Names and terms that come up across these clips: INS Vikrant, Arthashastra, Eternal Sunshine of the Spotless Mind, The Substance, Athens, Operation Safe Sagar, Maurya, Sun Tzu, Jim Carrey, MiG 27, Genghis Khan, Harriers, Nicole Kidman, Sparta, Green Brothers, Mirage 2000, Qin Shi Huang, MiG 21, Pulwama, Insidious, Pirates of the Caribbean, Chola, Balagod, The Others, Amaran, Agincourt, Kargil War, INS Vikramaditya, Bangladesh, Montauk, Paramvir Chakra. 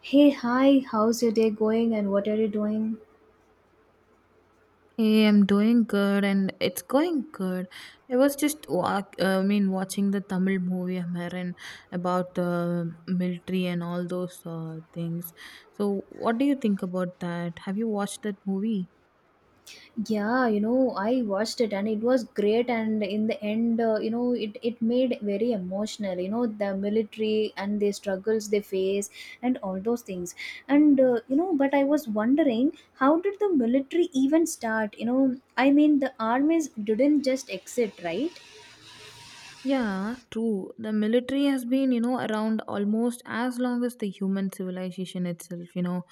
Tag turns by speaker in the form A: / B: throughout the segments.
A: Hey, hi, how's your day going and what are you doing?
B: Hey, I'm doing good and it's going good. I was just walk, I mean watching the Tamil movie Amaran about the military and all those things. So, what do you think about that? Have you watched that movie?
A: Yeah, you know, I watched it and it was great. And in the end, you know, it made very emotional, you know, the military and the struggles they face and all those things. And, you know, but I was wondering, how did the military even start? You know, I mean, the armies didn't just exit, right?
B: Yeah, true. The military has been, you know, around almost as long as the human civilization itself, you know,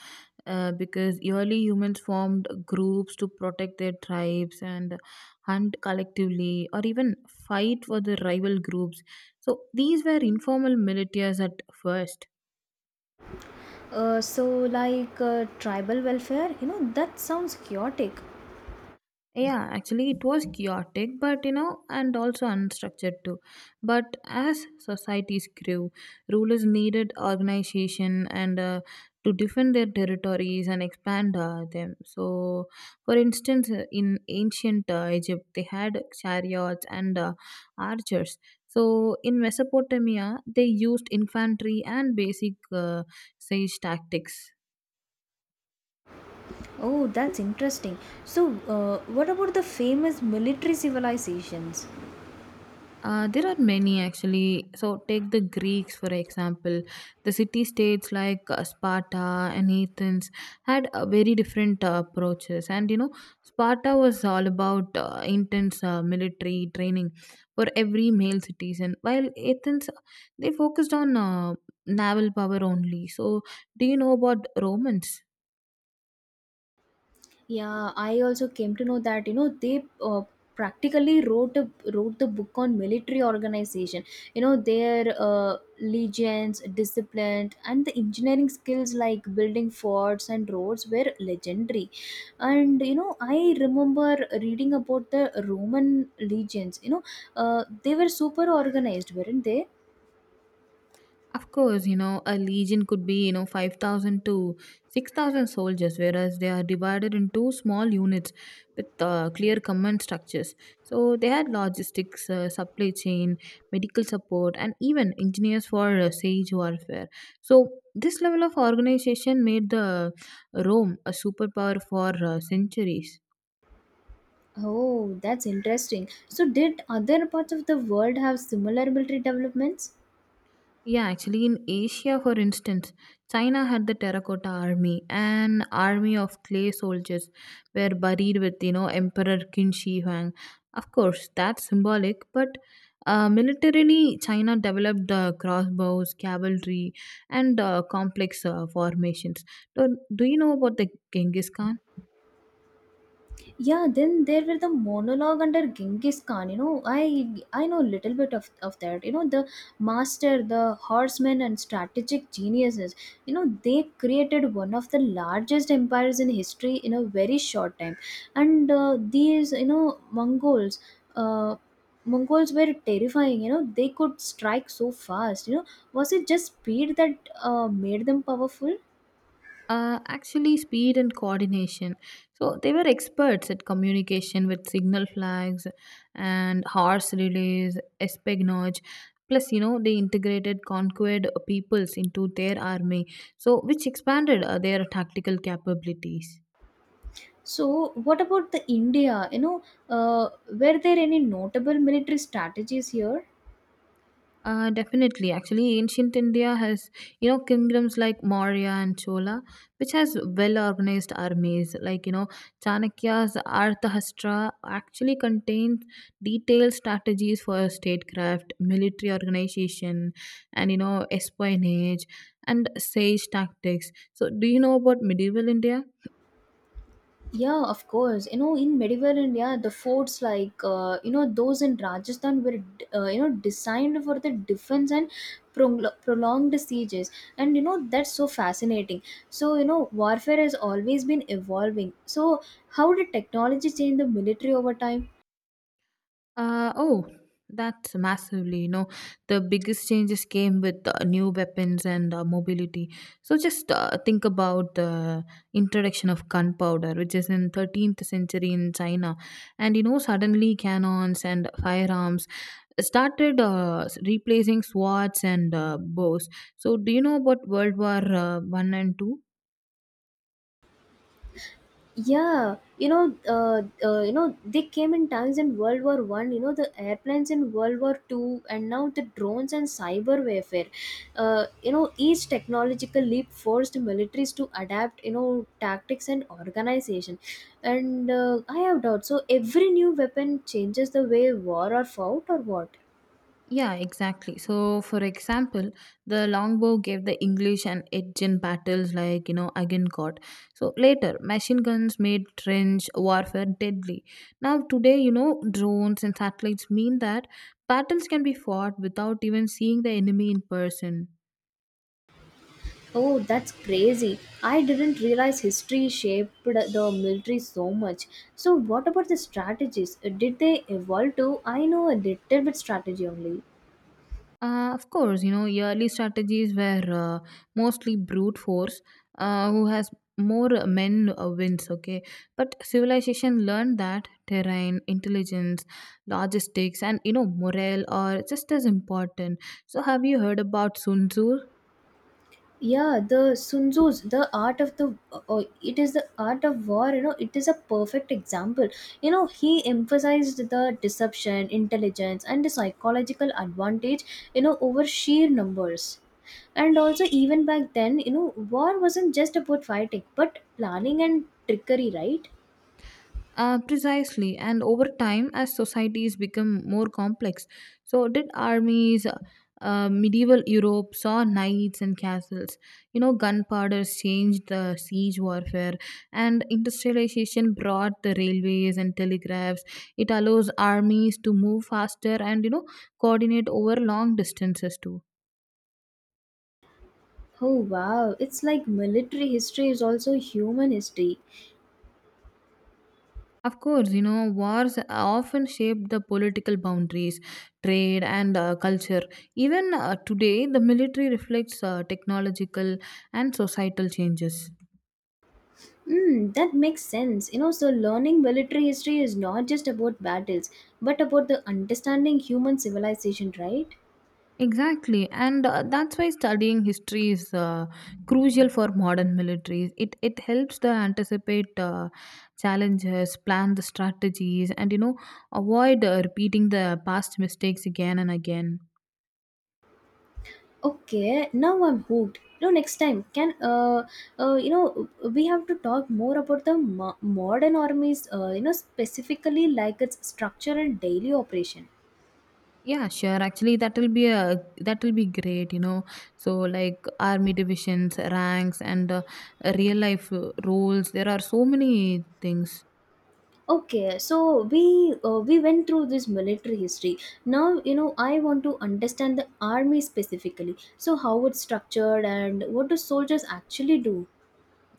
B: because early humans formed groups to protect their tribes and hunt collectively or even fight for the rival groups. So these were informal militias at first.
A: Tribal welfare, you know, that sounds chaotic.
B: Yeah, actually it was chaotic, but you know, and also unstructured too, but as societies grew, rulers needed organization and to defend their territories and expand them. So for instance, in ancient Egypt they had chariots and archers. So in Mesopotamia they used infantry and basic siege tactics.
A: Oh, that's interesting. So, what about the famous military civilizations?
B: There are many actually. So, take the Greeks for example. The city states like Sparta and Athens had very different approaches. And you know, Sparta was all about intense military training for every male citizen, while Athens they focused on naval power only. So, do you know about Romans?
A: Yeah, I also came to know that you know they practically wrote the book on military organization. You know their legions, discipline, and the engineering skills like building forts and roads were legendary. And you know I remember reading about the Roman legions. You know they were super organized, weren't they?
B: Of course, you know, a legion could be, you know, 5,000 to 6,000 soldiers, whereas they are divided into small units with clear command structures. So they had logistics, supply chain, medical support, and even engineers for siege warfare. So this level of organization made the Rome a superpower for centuries.
A: Oh, that's interesting. So, did other parts of the world have similar military developments?
B: Yeah, actually, in Asia, for instance, China had the terracotta army, an army of clay soldiers were buried with, you know, Emperor Qin Shi Huang. Of course, that's symbolic, but militarily, China developed the crossbows, cavalry, and complex formations. So, do you know about the Genghis Khan?
A: Yeah, then there were the monologue under Genghis Khan. You know, I know little bit of that. You know, the master, the horsemen, and strategic geniuses. You know, they created one of the largest empires in history in a very short time. And these, you know, Mongols, uh, Mongols were terrifying. You know, they could strike so fast. You know, was it just speed that made them powerful?
B: Actually, speed and coordination. So they were experts at communication with signal flags and horse relays, espionage. Plus, you know, they integrated conquered peoples into their army, so which expanded their tactical capabilities.
A: So, what about the India? You know, were there any notable military strategies here?
B: Definitely. Actually, ancient India has, you know, kingdoms like Maurya and Chola, which has well-organized armies. Like, you know, Chanakya's Arthashastra actually contains detailed strategies for statecraft, military organization, and, you know, espionage and sage tactics. So, do you know about medieval India?
A: Yeah, of course. You know, in medieval India, the forts like you know those in Rajasthan were you know designed for the defense and prolonged sieges, and you know that's so fascinating. So you know warfare has always been evolving. So how did technology change the military over time?
B: Oh, that's massively, you know, the biggest changes came with new weapons and mobility. So just think about the introduction of gunpowder, which is in 13th century in China. And, you know, suddenly cannons and firearms started replacing swords and bows. So do you know about World War 1 and 2?
A: Yeah, you know they came in times in World War One, you know, the airplanes in World War Two, and now the drones and cyber warfare. You know, each technological leap forced militaries to adapt, you know, tactics and organization. And I have doubt, so every new weapon changes the way war are fought, or what?
B: Yeah, exactly. So, for example, the longbow gave the English an edge in battles like, you know, Agincourt. So, later, machine guns made trench warfare deadly. Now, today, you know, drones and satellites mean that battles can be fought without even seeing the enemy in person.
A: Oh, that's crazy. I didn't realize history shaped the military so much. So, what about the strategies? Did they evolve too? I know a little bit strategy only.
B: Of course, you know, yearly strategies were mostly brute force, who has more men wins, okay? But civilization learned that terrain, intelligence, logistics, and, you know, morale are just as important. So, have you heard about Sun Tzu?
A: Yeah, the Sun Tzu's The Art of the it is The Art of War. You know, it is a perfect example. You know, he emphasized the deception, intelligence, and the psychological advantage. You know, over sheer numbers. And also, even back then, you know, war wasn't just about fighting, but planning and trickery, right?
B: Precisely, and over time, as societies become more complex, so did armies. Medieval Europe saw knights and castles. You know, gunpowder changed the siege warfare, and industrialization brought the railways and telegraphs. It allows armies to move faster and you know coordinate over long distances too.
A: Oh wow, it's like military history is also human history.
B: Of course, you know, wars often shape the political boundaries, trade, and culture. Even today, the military reflects technological and societal changes.
A: Mm, that makes sense. You know, so learning military history is not just about battles, but about the understanding human civilization, right?
B: Exactly, and that's why studying history is crucial for modern militaries. It helps to anticipate challenges, plan the strategies, and you know avoid repeating the past mistakes again and again.
A: Okay, now I'm hooked. You know, next time can you know we have to talk more about the modern armies. You know, specifically like its structure and daily operation.
B: Yeah, sure. Actually, that will be great, you know. So, like army divisions, ranks, and real life roles. There are so many things.
A: Okay, so we went through this military history. Now you know I want to understand the army specifically. So how it's structured and what do soldiers actually do?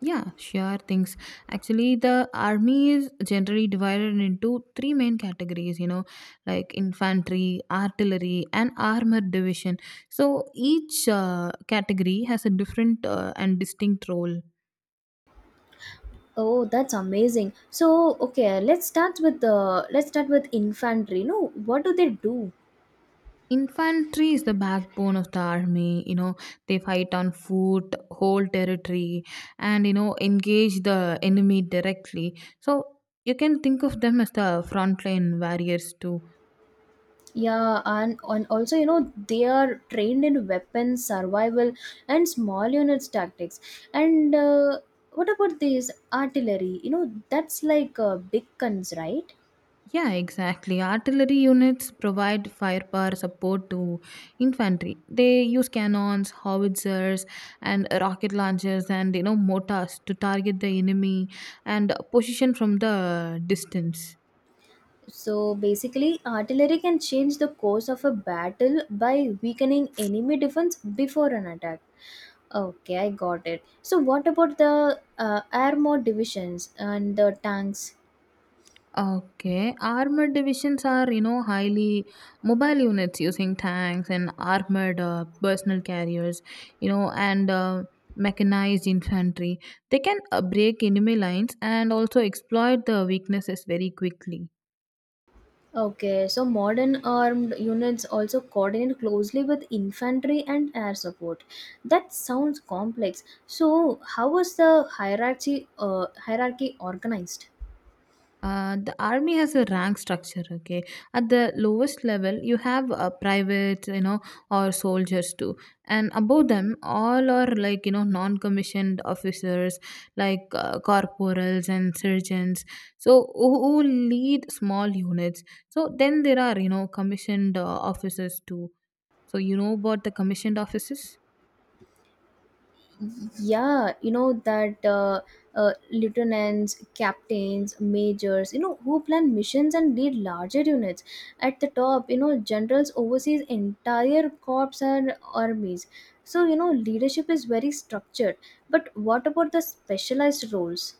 B: Yeah, sure things. Actually, the army is generally divided into three main categories. You know, like infantry, artillery, and armored division. So each category has a different and distinct role.
A: Oh, that's amazing. So okay, let's start with infantry. No, what do they do?
B: Infantry is the backbone of the army. You know, they fight on foot, hold territory, and you know, engage the enemy directly. So you can think of them as the frontline warriors too.
A: Yeah, and also you know they are trained in weapons, survival, and small units tactics. And what about this artillery? You know that's like big guns, right?
B: Yeah, exactly. Artillery units provide firepower support to infantry. They use cannons, howitzers, and rocket launchers, and you know, mortars to target the enemy and position from the distance.
A: So basically, artillery can change the course of a battle by weakening enemy defense before an attack. Okay, I got it. So what about the armored divisions and the tanks?
B: Okay. Armored divisions are, you know, highly mobile units using tanks and armored personal carriers, you know, and mechanized infantry. They can break enemy lines and also exploit the weaknesses very quickly.
A: Okay, so modern armed units also coordinate closely with infantry and air support. That sounds complex. So how was the hierarchy organized?
B: The army has a rank structure, okay? At the lowest level you have privates, you know, or soldiers too, and above them all are like you know non-commissioned officers like corporals and surgeons, so who lead small units. So then there are you know commissioned officers too. So you know about the commissioned officers?
A: Yeah, you know that lieutenants, captains, majors, you know, who plan missions and lead larger units. At the top, you know, generals oversees entire corps and armies. So you know leadership is very structured, but what about the specialized roles?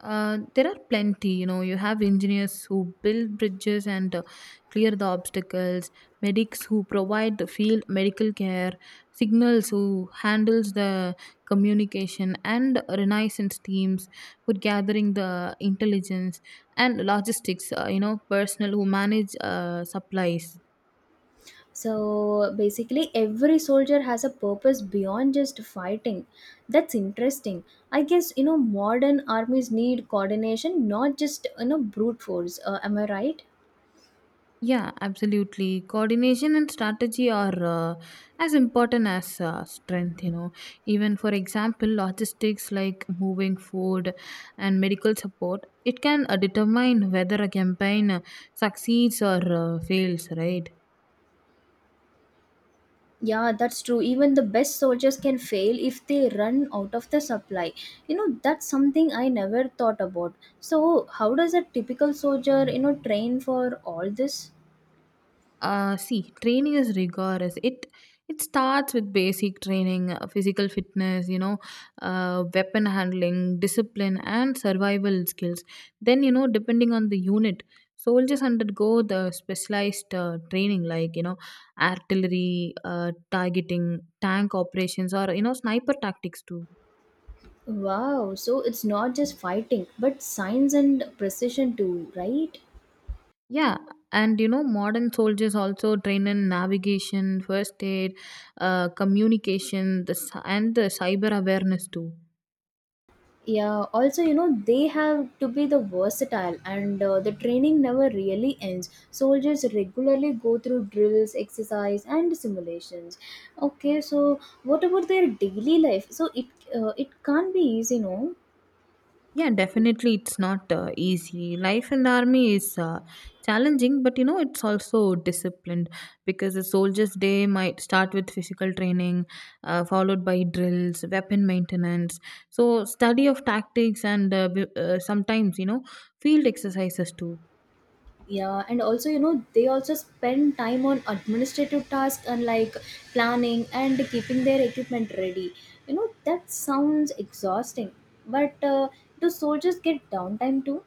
B: There are plenty, you know. You have engineers who build bridges and clear the obstacles, medics who provide the field medical care, signals who handles the communication, and renaissance teams for gathering the intelligence and logistics. You know, personnel who manage supplies.
A: So basically every soldier has a purpose beyond just fighting. That's interesting. I guess you know modern armies need coordination, not just you know brute force. Am I right?
B: Yeah, absolutely. Coordination and strategy are as important as strength, you know. Even for example, logistics like moving food and medical support, it can determine whether a campaign succeeds or fails, right?
A: Yeah, that's true. Even the best soldiers can fail if they run out of the supply. You know, that's something I never thought about. So, how does a typical soldier, you know, train for all this?
B: See, training is rigorous. It starts with basic training, physical fitness, you know, weapon handling, discipline, and survival skills. Then you know, depending on the unit, soldiers undergo the specialized training like you know, artillery, targeting, tank operations, or you know, sniper tactics too.
A: Wow, so it's not just fighting, but science and precision too, right?
B: Yeah, and you know, modern soldiers also train in navigation, first aid, communication, and the cyber awareness too.
A: Yeah, also, you know, they have to be the versatile, and the training never really ends. Soldiers regularly go through drills, exercise and simulations. Okay, so what about their daily life? So it can't be easy, no?
B: Yeah, definitely, it's not easy. Life in the army is challenging, but you know, it's also disciplined because a soldier's day might start with physical training, followed by drills, weapon maintenance, so study of tactics, and sometimes you know, field exercises too.
A: Yeah, and also, you know, they also spend time on administrative tasks and like planning and keeping their equipment ready. You know, that sounds exhausting. But do soldiers get downtime too?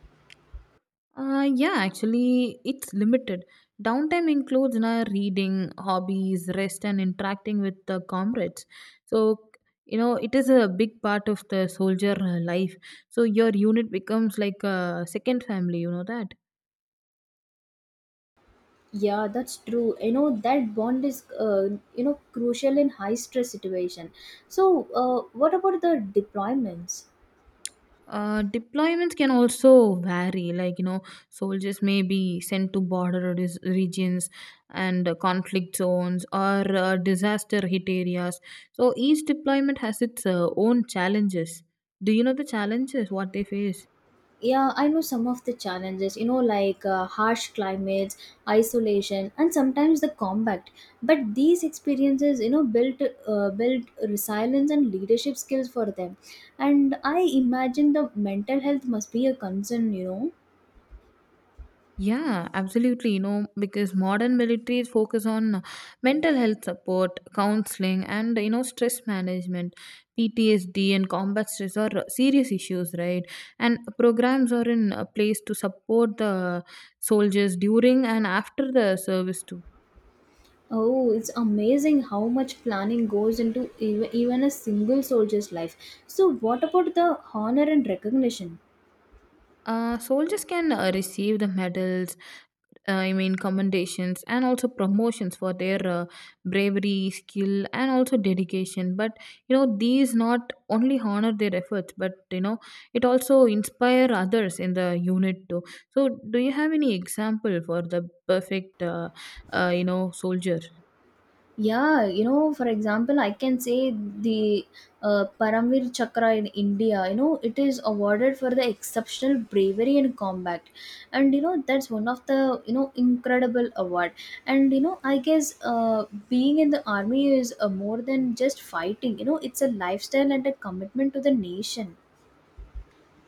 B: Yeah, actually, it's limited. Downtime includes na, reading, hobbies, rest, and interacting with the comrades. So, you know, it is a big part of the soldier life. So, your unit becomes like a second family, you know that.
A: Yeah, that's true. You know that bond is you know crucial in high stress situation. So, what about the deployments?
B: Deployments can also vary, like you know, soldiers may be sent to regions and conflict zones or disaster hit areas. So each deployment has its own challenges. Do you know the challenges what they face?
A: Yeah, I know some of the challenges. You know, like harsh climates, isolation, and sometimes the combat. But these experiences, you know, built resilience and leadership skills for them. And I imagine the mental health must be a concern. You know.
B: Yeah, absolutely. You know, because modern militaries focus on mental health support, counseling, and you know, stress management, PTSD, and combat stress are serious issues, right? And programs are in place to support the soldiers during and after the service too.
A: Oh, it's amazing how much planning goes into even a single soldier's life. So, what about the honor and recognition?
B: Soldiers can receive the medals, commendations and also promotions for their bravery, skill, and also dedication. But you know, these not only honor their efforts, but you know, it also inspire others in the unit too. So, do you have any example for the perfect, you know, soldier?
A: Yeah, you know, for example, I can say the Paramvir Chakra in India, you know, it is awarded for the exceptional bravery in combat. And, you know, that's one of the, you know, incredible award. And, you know, I guess being in the army is more than just fighting, you know, it's a lifestyle and a commitment to the nation.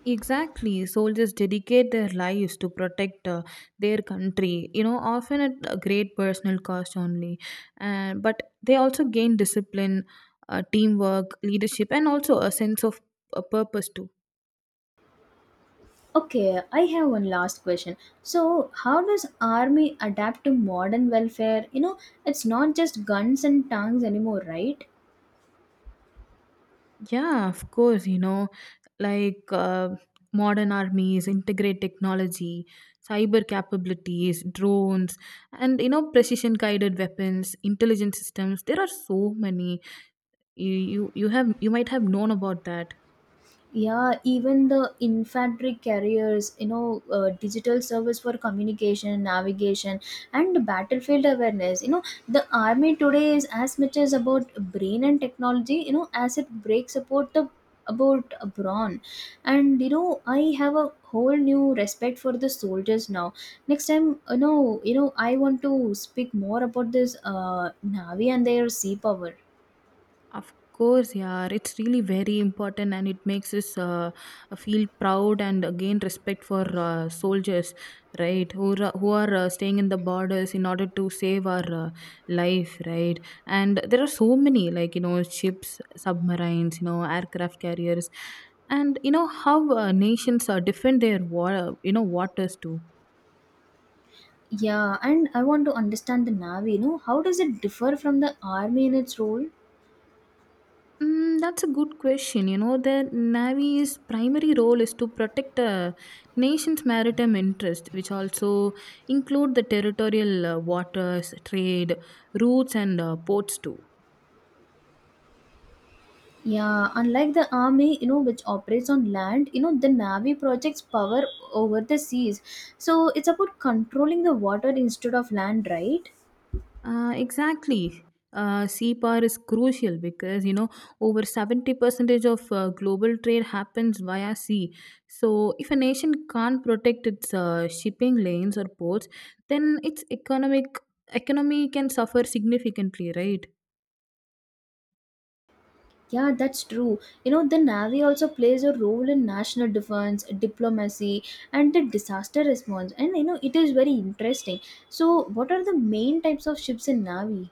B: Exactly, soldiers dedicate their lives to protect their country. You know, often at a great personal cost only, and but they also gain discipline, teamwork, leadership, and also a sense of a purpose too.
A: Okay, I have one last question. So, how does army adapt to modern welfare? You know, it's not just guns and tanks anymore, right?
B: Yeah, of course. You know, like modern armies integrate technology, cyber capabilities, drones, and you know precision guided weapons, intelligence systems. There are so many. You might have known about that.
A: Yeah, even the infantry carriers, you know, digital service for communication, navigation, and battlefield awareness. You know, the army today is as much as about brain and technology, you know, as it breaks about the about a brawn. And you know I have a whole new respect for the soldiers now. Next time, you know I want to speak more about this navy and their sea power.
B: Of course, yeah, it's really very important and it makes us feel proud and gain respect for soldiers, right? Who are staying in the borders in order to save our life, right? And there are so many, like, you know, ships, submarines, you know, aircraft carriers, and you know how nations defend their you know waters too.
A: Yeah, and I want to understand the Navy, you know, how does it differ from the Army in its role?
B: Mm, that's a good question. You know, the Navy's primary role is to protect a nation's maritime interest, which also include the territorial waters, trade routes, and ports too.
A: Yeah, unlike the Army, you know, which operates on land, you know, the Navy projects power over the seas. So it's about controlling the water instead of land, right?
B: Exactly. CPAR is crucial because you know over 70 percentage of global trade happens via sea. So if a nation can't protect its shipping lanes or ports, then its economic economy can suffer significantly, right?
A: Yeah, that's true. You know, the Navy also plays a role in national defense, diplomacy, and the disaster response. And, you know, it is very interesting. So, what are the main types of ships in Navy?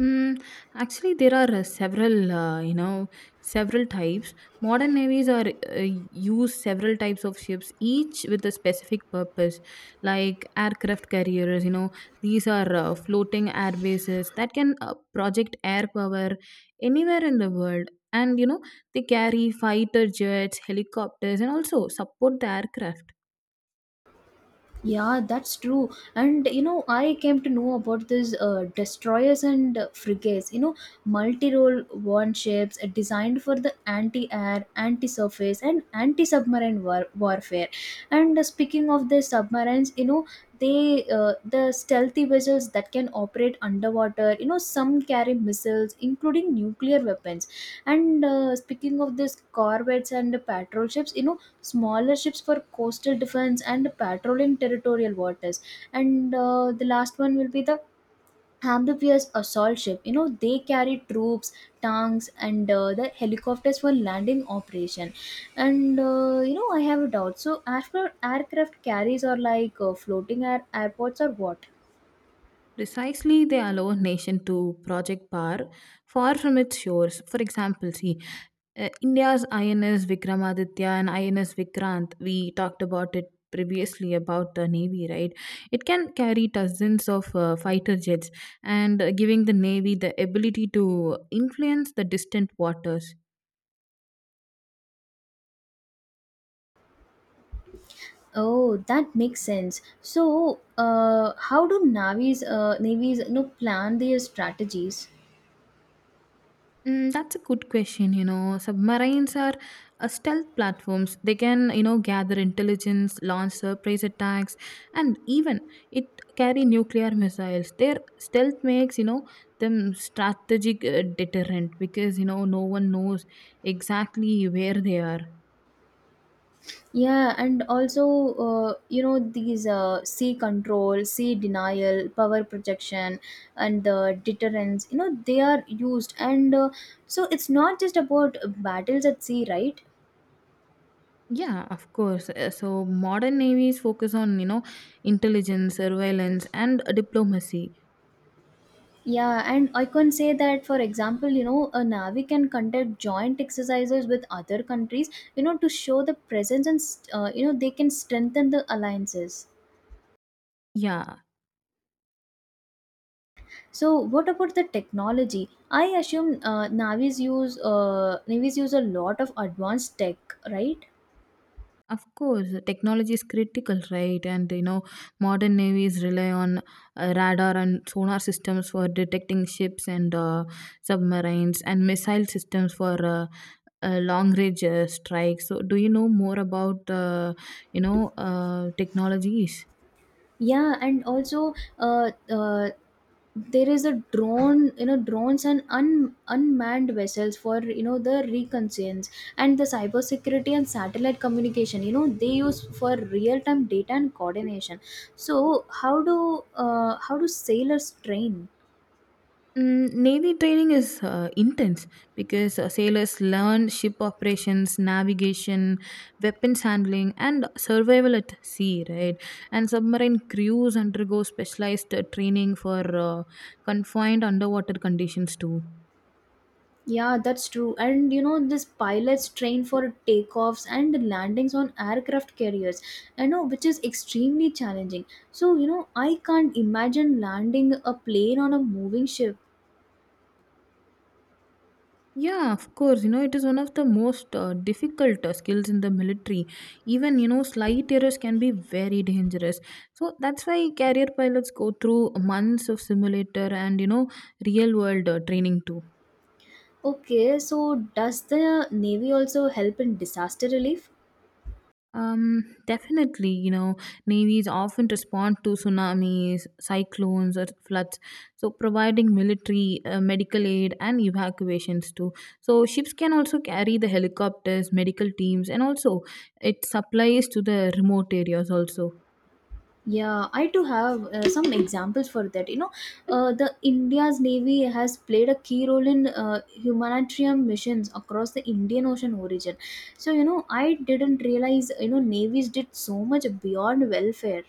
B: Mm, actually, there are several, you know, several types. Modern navies are uh, use several types of ships, each with a specific purpose, like aircraft carriers. You know, these are floating air bases that can project air power anywhere in the world. And you know, they carry fighter jets, helicopters, and also support the aircraft.
A: Yeah, that's true. And you know, I came to know about this destroyers and frigates. You know, multi-role warships designed for the anti-air, anti-surface, and warfare. And speaking of the submarines, you know, the stealthy vessels that can operate underwater. You know, some carry missiles, including nuclear weapons. And speaking of this corvettes and patrol ships, you know, smaller ships for coastal defense and patrolling territorial waters. And the last one will be the amphibious assault ship, you know, they carry troops, tanks, and the helicopters for landing operation. And you know I have a doubt, so aircraft carriers are like floating air airports, or what?
B: Precisely, they allow nation to project power far from its shores. For example, see, India's INS Vikramaditya and INS Vikrant, we talked about it previously about the Navy, right? It can carry dozens of fighter jets and giving the Navy the ability to influence the distant waters.
A: Oh, that makes sense. So, navies, you know, plan their strategies?
B: Mm, that's a good question. You know, submarines are stealth platforms. They can, you know, gather intelligence, launch surprise attacks, and even it carry nuclear missiles. Their stealth makes, you know, them strategic deterrent because you know no one knows exactly where they are.
A: Yeah, and also, you know, these sea control, sea denial, power projection, and the deterrence, you know, they are used. And so it's not just about battles at sea, right?
B: Yeah, of course. So modern navies focus on, you know, intelligence, surveillance, and diplomacy.
A: Yeah, and I can say that, for example, you know, a navy can conduct joint exercises with other countries, you know, to show the presence, and, you know, they can strengthen the alliances.
B: Yeah,
A: So, what about the technology? I assume navies use a lot of advanced tech, right?
B: of course, technology is critical, right? And you know, modern navies rely on radar and sonar systems for detecting ships and submarines, and missile systems for long-range strikes. So, do you know more about you know technologies?
A: Yeah, and also there is a drone, you know, drones and unmanned vessels for you know the reconnaissance and the cybersecurity and satellite communication. You know, they use for real time data and coordination. So, how do sailors train?
B: Mm, Navy training is intense because sailors learn ship operations, navigation, weapons handling, and survival at sea, right? And submarine crews undergo specialized training for uh, confined underwater conditions too.
A: Yeah, that's true. And you know, this pilots train for takeoffs and landings on aircraft carriers, I know, which is extremely challenging. So, you know, I can't imagine landing a plane on a moving ship.
B: Yeah, of course. You know, it is one of the most difficult skills in the military. Even, you know, slight errors can be very dangerous. So that's why carrier pilots go through months of simulator and, you know, real world training too.
A: Okay, so does the Navy also help in disaster relief?
B: Definitely, you know, navies often respond to tsunamis, cyclones, or floods, so providing military, medical aid, and evacuations too. So, ships can also carry the helicopters, medical teams, and also it supplies to the remote areas also.
A: Yeah, I too have some examples for that. You know, the India's Navy has played a key role in humanitarian missions across the Indian Ocean origin. So, you know, I didn't realize, you know, navies did so much beyond welfare.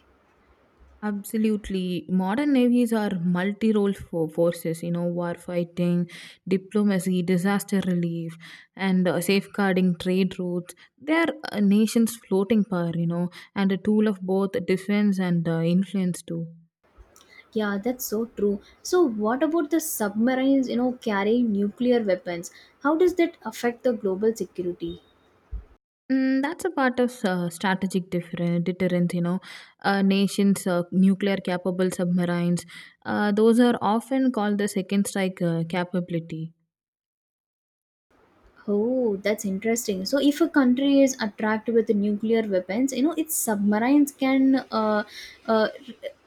B: Absolutely. Modern navies are multi role forces, you know, warfighting, diplomacy, disaster relief, and safeguarding trade routes. They are a nation's floating power, you know, and a tool of both defense and influence, too.
A: Yeah, that's so true. So, what about the submarines, you know, carrying nuclear weapons? How does that affect the global security?
B: Mm, that's a part of strategic different deterrence, you know. Nations, nuclear capable submarines, those are often called the second strike capability.
A: Oh, that's interesting. So, if a country is attacked with nuclear weapons, you know, its submarines can uh,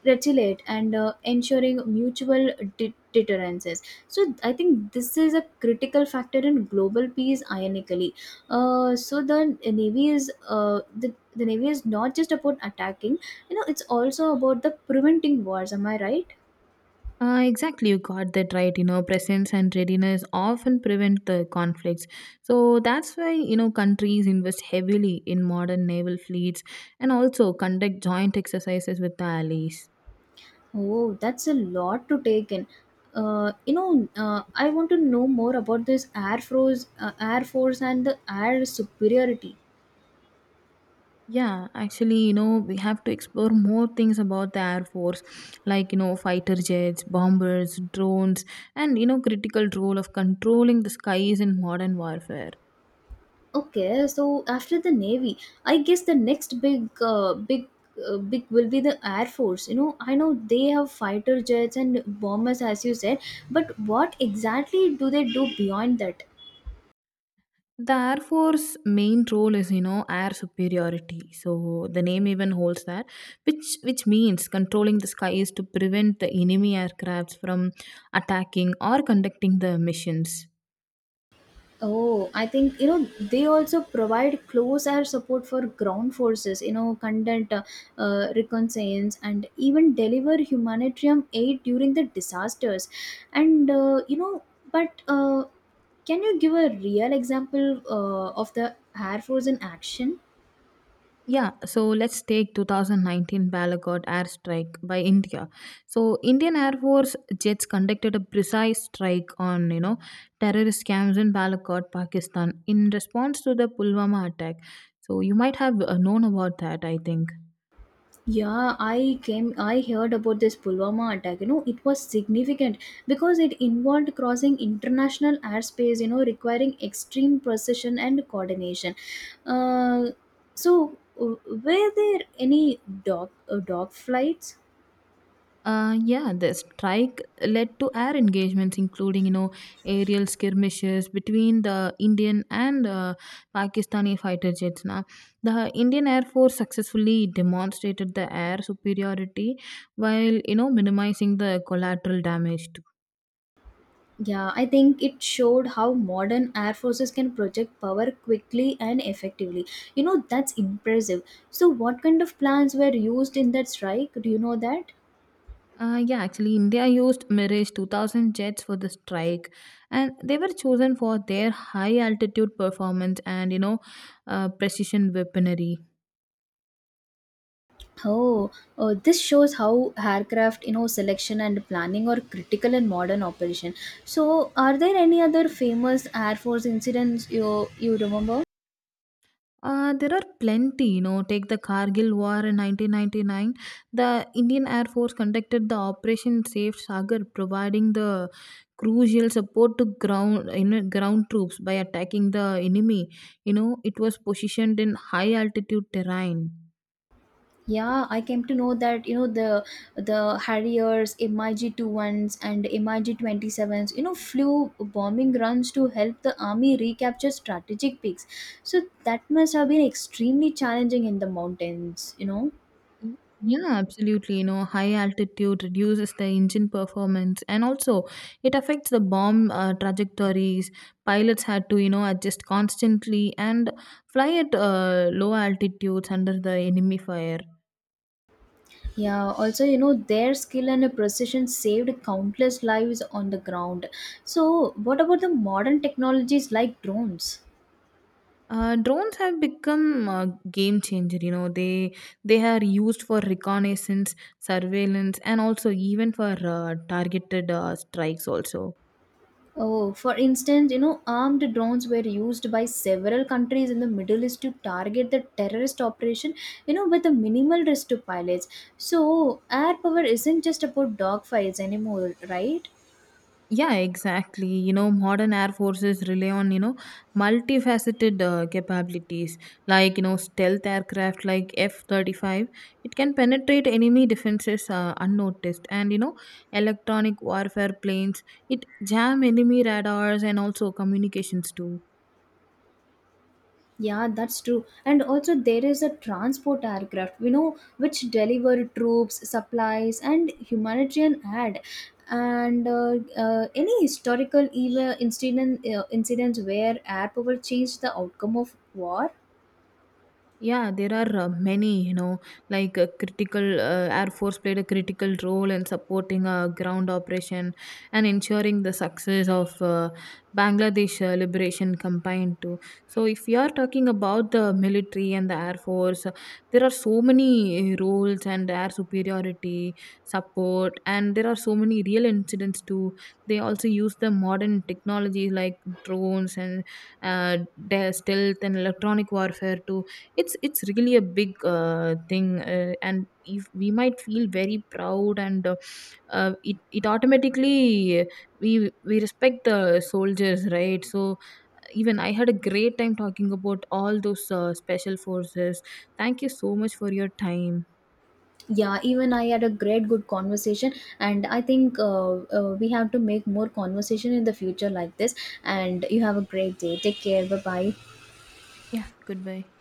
A: retaliate and ensuring mutual deterrences. So, I think this is a critical factor in global peace. Ironically, so the navy is not just about attacking. You know, it's also about the preventing wars. Am I right?
B: Exactly, you got that right. You know, presence and readiness often prevent the conflicts. So that's why, you know, countries invest heavily in modern naval fleets and also conduct joint exercises with the allies.
A: Oh, that's a lot to take in. I want to know more about this Air Force, and the air superiority.
B: Yeah, actually, you know, we have to explore more things about the Air Force, like, you know, fighter jets, bombers, drones, and, you know, critical role of controlling the skies in modern warfare.
A: Okay, so after the Navy, I guess the next big will be the Air Force. You know, I know they have fighter jets and bombers, as you said, but what exactly do they do beyond that?
B: The Air Force main role is, you know, air superiority. So the name even holds that, which means controlling the skies to prevent the enemy aircrafts from attacking or conducting the missions.
A: Oh, I think you know they also provide close air support for ground forces, you know, conduct reconnaissance, and even deliver humanitarian aid during the disasters. And you know, but can you give a real example of the air force in action?
B: Yeah, so let's take 2019 Balagod airstrike by India. So Indian Air Force jets conducted a precise strike on, you know, terrorist camps in Balagod, Pakistan in response to the Pulwama attack. So you might have known about that, I think.
A: Yeah, I heard about this Pulwama attack. You know, it was significant because it involved crossing international airspace, you know, requiring extreme precision and coordination. Uh, so, were there any dog flights?
B: Yeah, the strike led to air engagements, including you know aerial skirmishes between the Indian and Pakistani fighter jets. Now, the Indian Air Force successfully demonstrated the air superiority while you know minimizing the collateral damage too.
A: Yeah, I think it showed how modern air forces can project power quickly and effectively. You know, that's impressive. So, what kind of plans were used in that strike? Do you know that?
B: Yeah, actually, India used Mirage 2000 jets for the strike, and they were chosen for their high altitude performance and you know precision weaponry.
A: Oh, this shows how aircraft, you know, selection and planning are critical in modern operation. So, are there any other famous Air Force incidents you remember?
B: There are plenty, you know. Take the Kargil War in 1999. The Indian Air Force conducted the Operation Safe Sagar, providing the crucial support to ground, you know, ground troops by attacking the enemy. You know, it was positioned in high altitude terrain.
A: Yeah, I came to know that you know the Harriers, MiG 21s, and MiG 27s, you know, flew bombing runs to help the army recapture strategic peaks. So that must have been extremely challenging in the mountains, you know.
B: Y- Yeah, absolutely. You know, high altitude reduces the engine performance and also it affects the bomb trajectories. Pilots had to, you know, adjust constantly and fly at low altitudes under the enemy fire.
A: Yeah, also, you know, their skill and precision saved countless lives on the ground. So, what about the modern technologies like drones?
B: Drones have become a game changer. You know, they are used for reconnaissance, surveillance, and also even for uh, targeted strikes. Also,
A: Oh, for instance, you know, armed drones were used by several countries in the Middle East to target the terrorist operation, you know, with a minimal risk to pilots. So, air power isn't just about dogfights anymore, right?
B: yeah, exactly. You know, modern air forces rely on, you know, multifaceted capabilities like, you know, stealth aircraft like F 35. It can penetrate enemy defenses unnoticed. And, you know, electronic warfare planes, it jam enemy radars and also communications too.
A: Yeah, that's true. And also, there is a transport aircraft, you know, which deliver troops, supplies, and humanitarian aid. And any historical incidents where air power changed the outcome of war?
B: Yeah, there are many, you know, like critical Air Force played a critical role in supporting a ground operation and ensuring the success of Bangladesh liberation campaign too. So if you are talking about the military and the Air Force, there are so many roles and air superiority support and there are so many real incidents too. They also use the modern technologies like drones and uh, stealth and electronic warfare to it's really a big thing and if we might feel very proud and it it automatically we respect the soldiers, right? So even I had a great time talking about all those special forces. Thank you so much for your time.
A: Yeah, even I had a great good conversation, and I think we have to make more conversation in the future like this. And you have a great day. Take care. Bye bye.
B: Yeah, goodbye.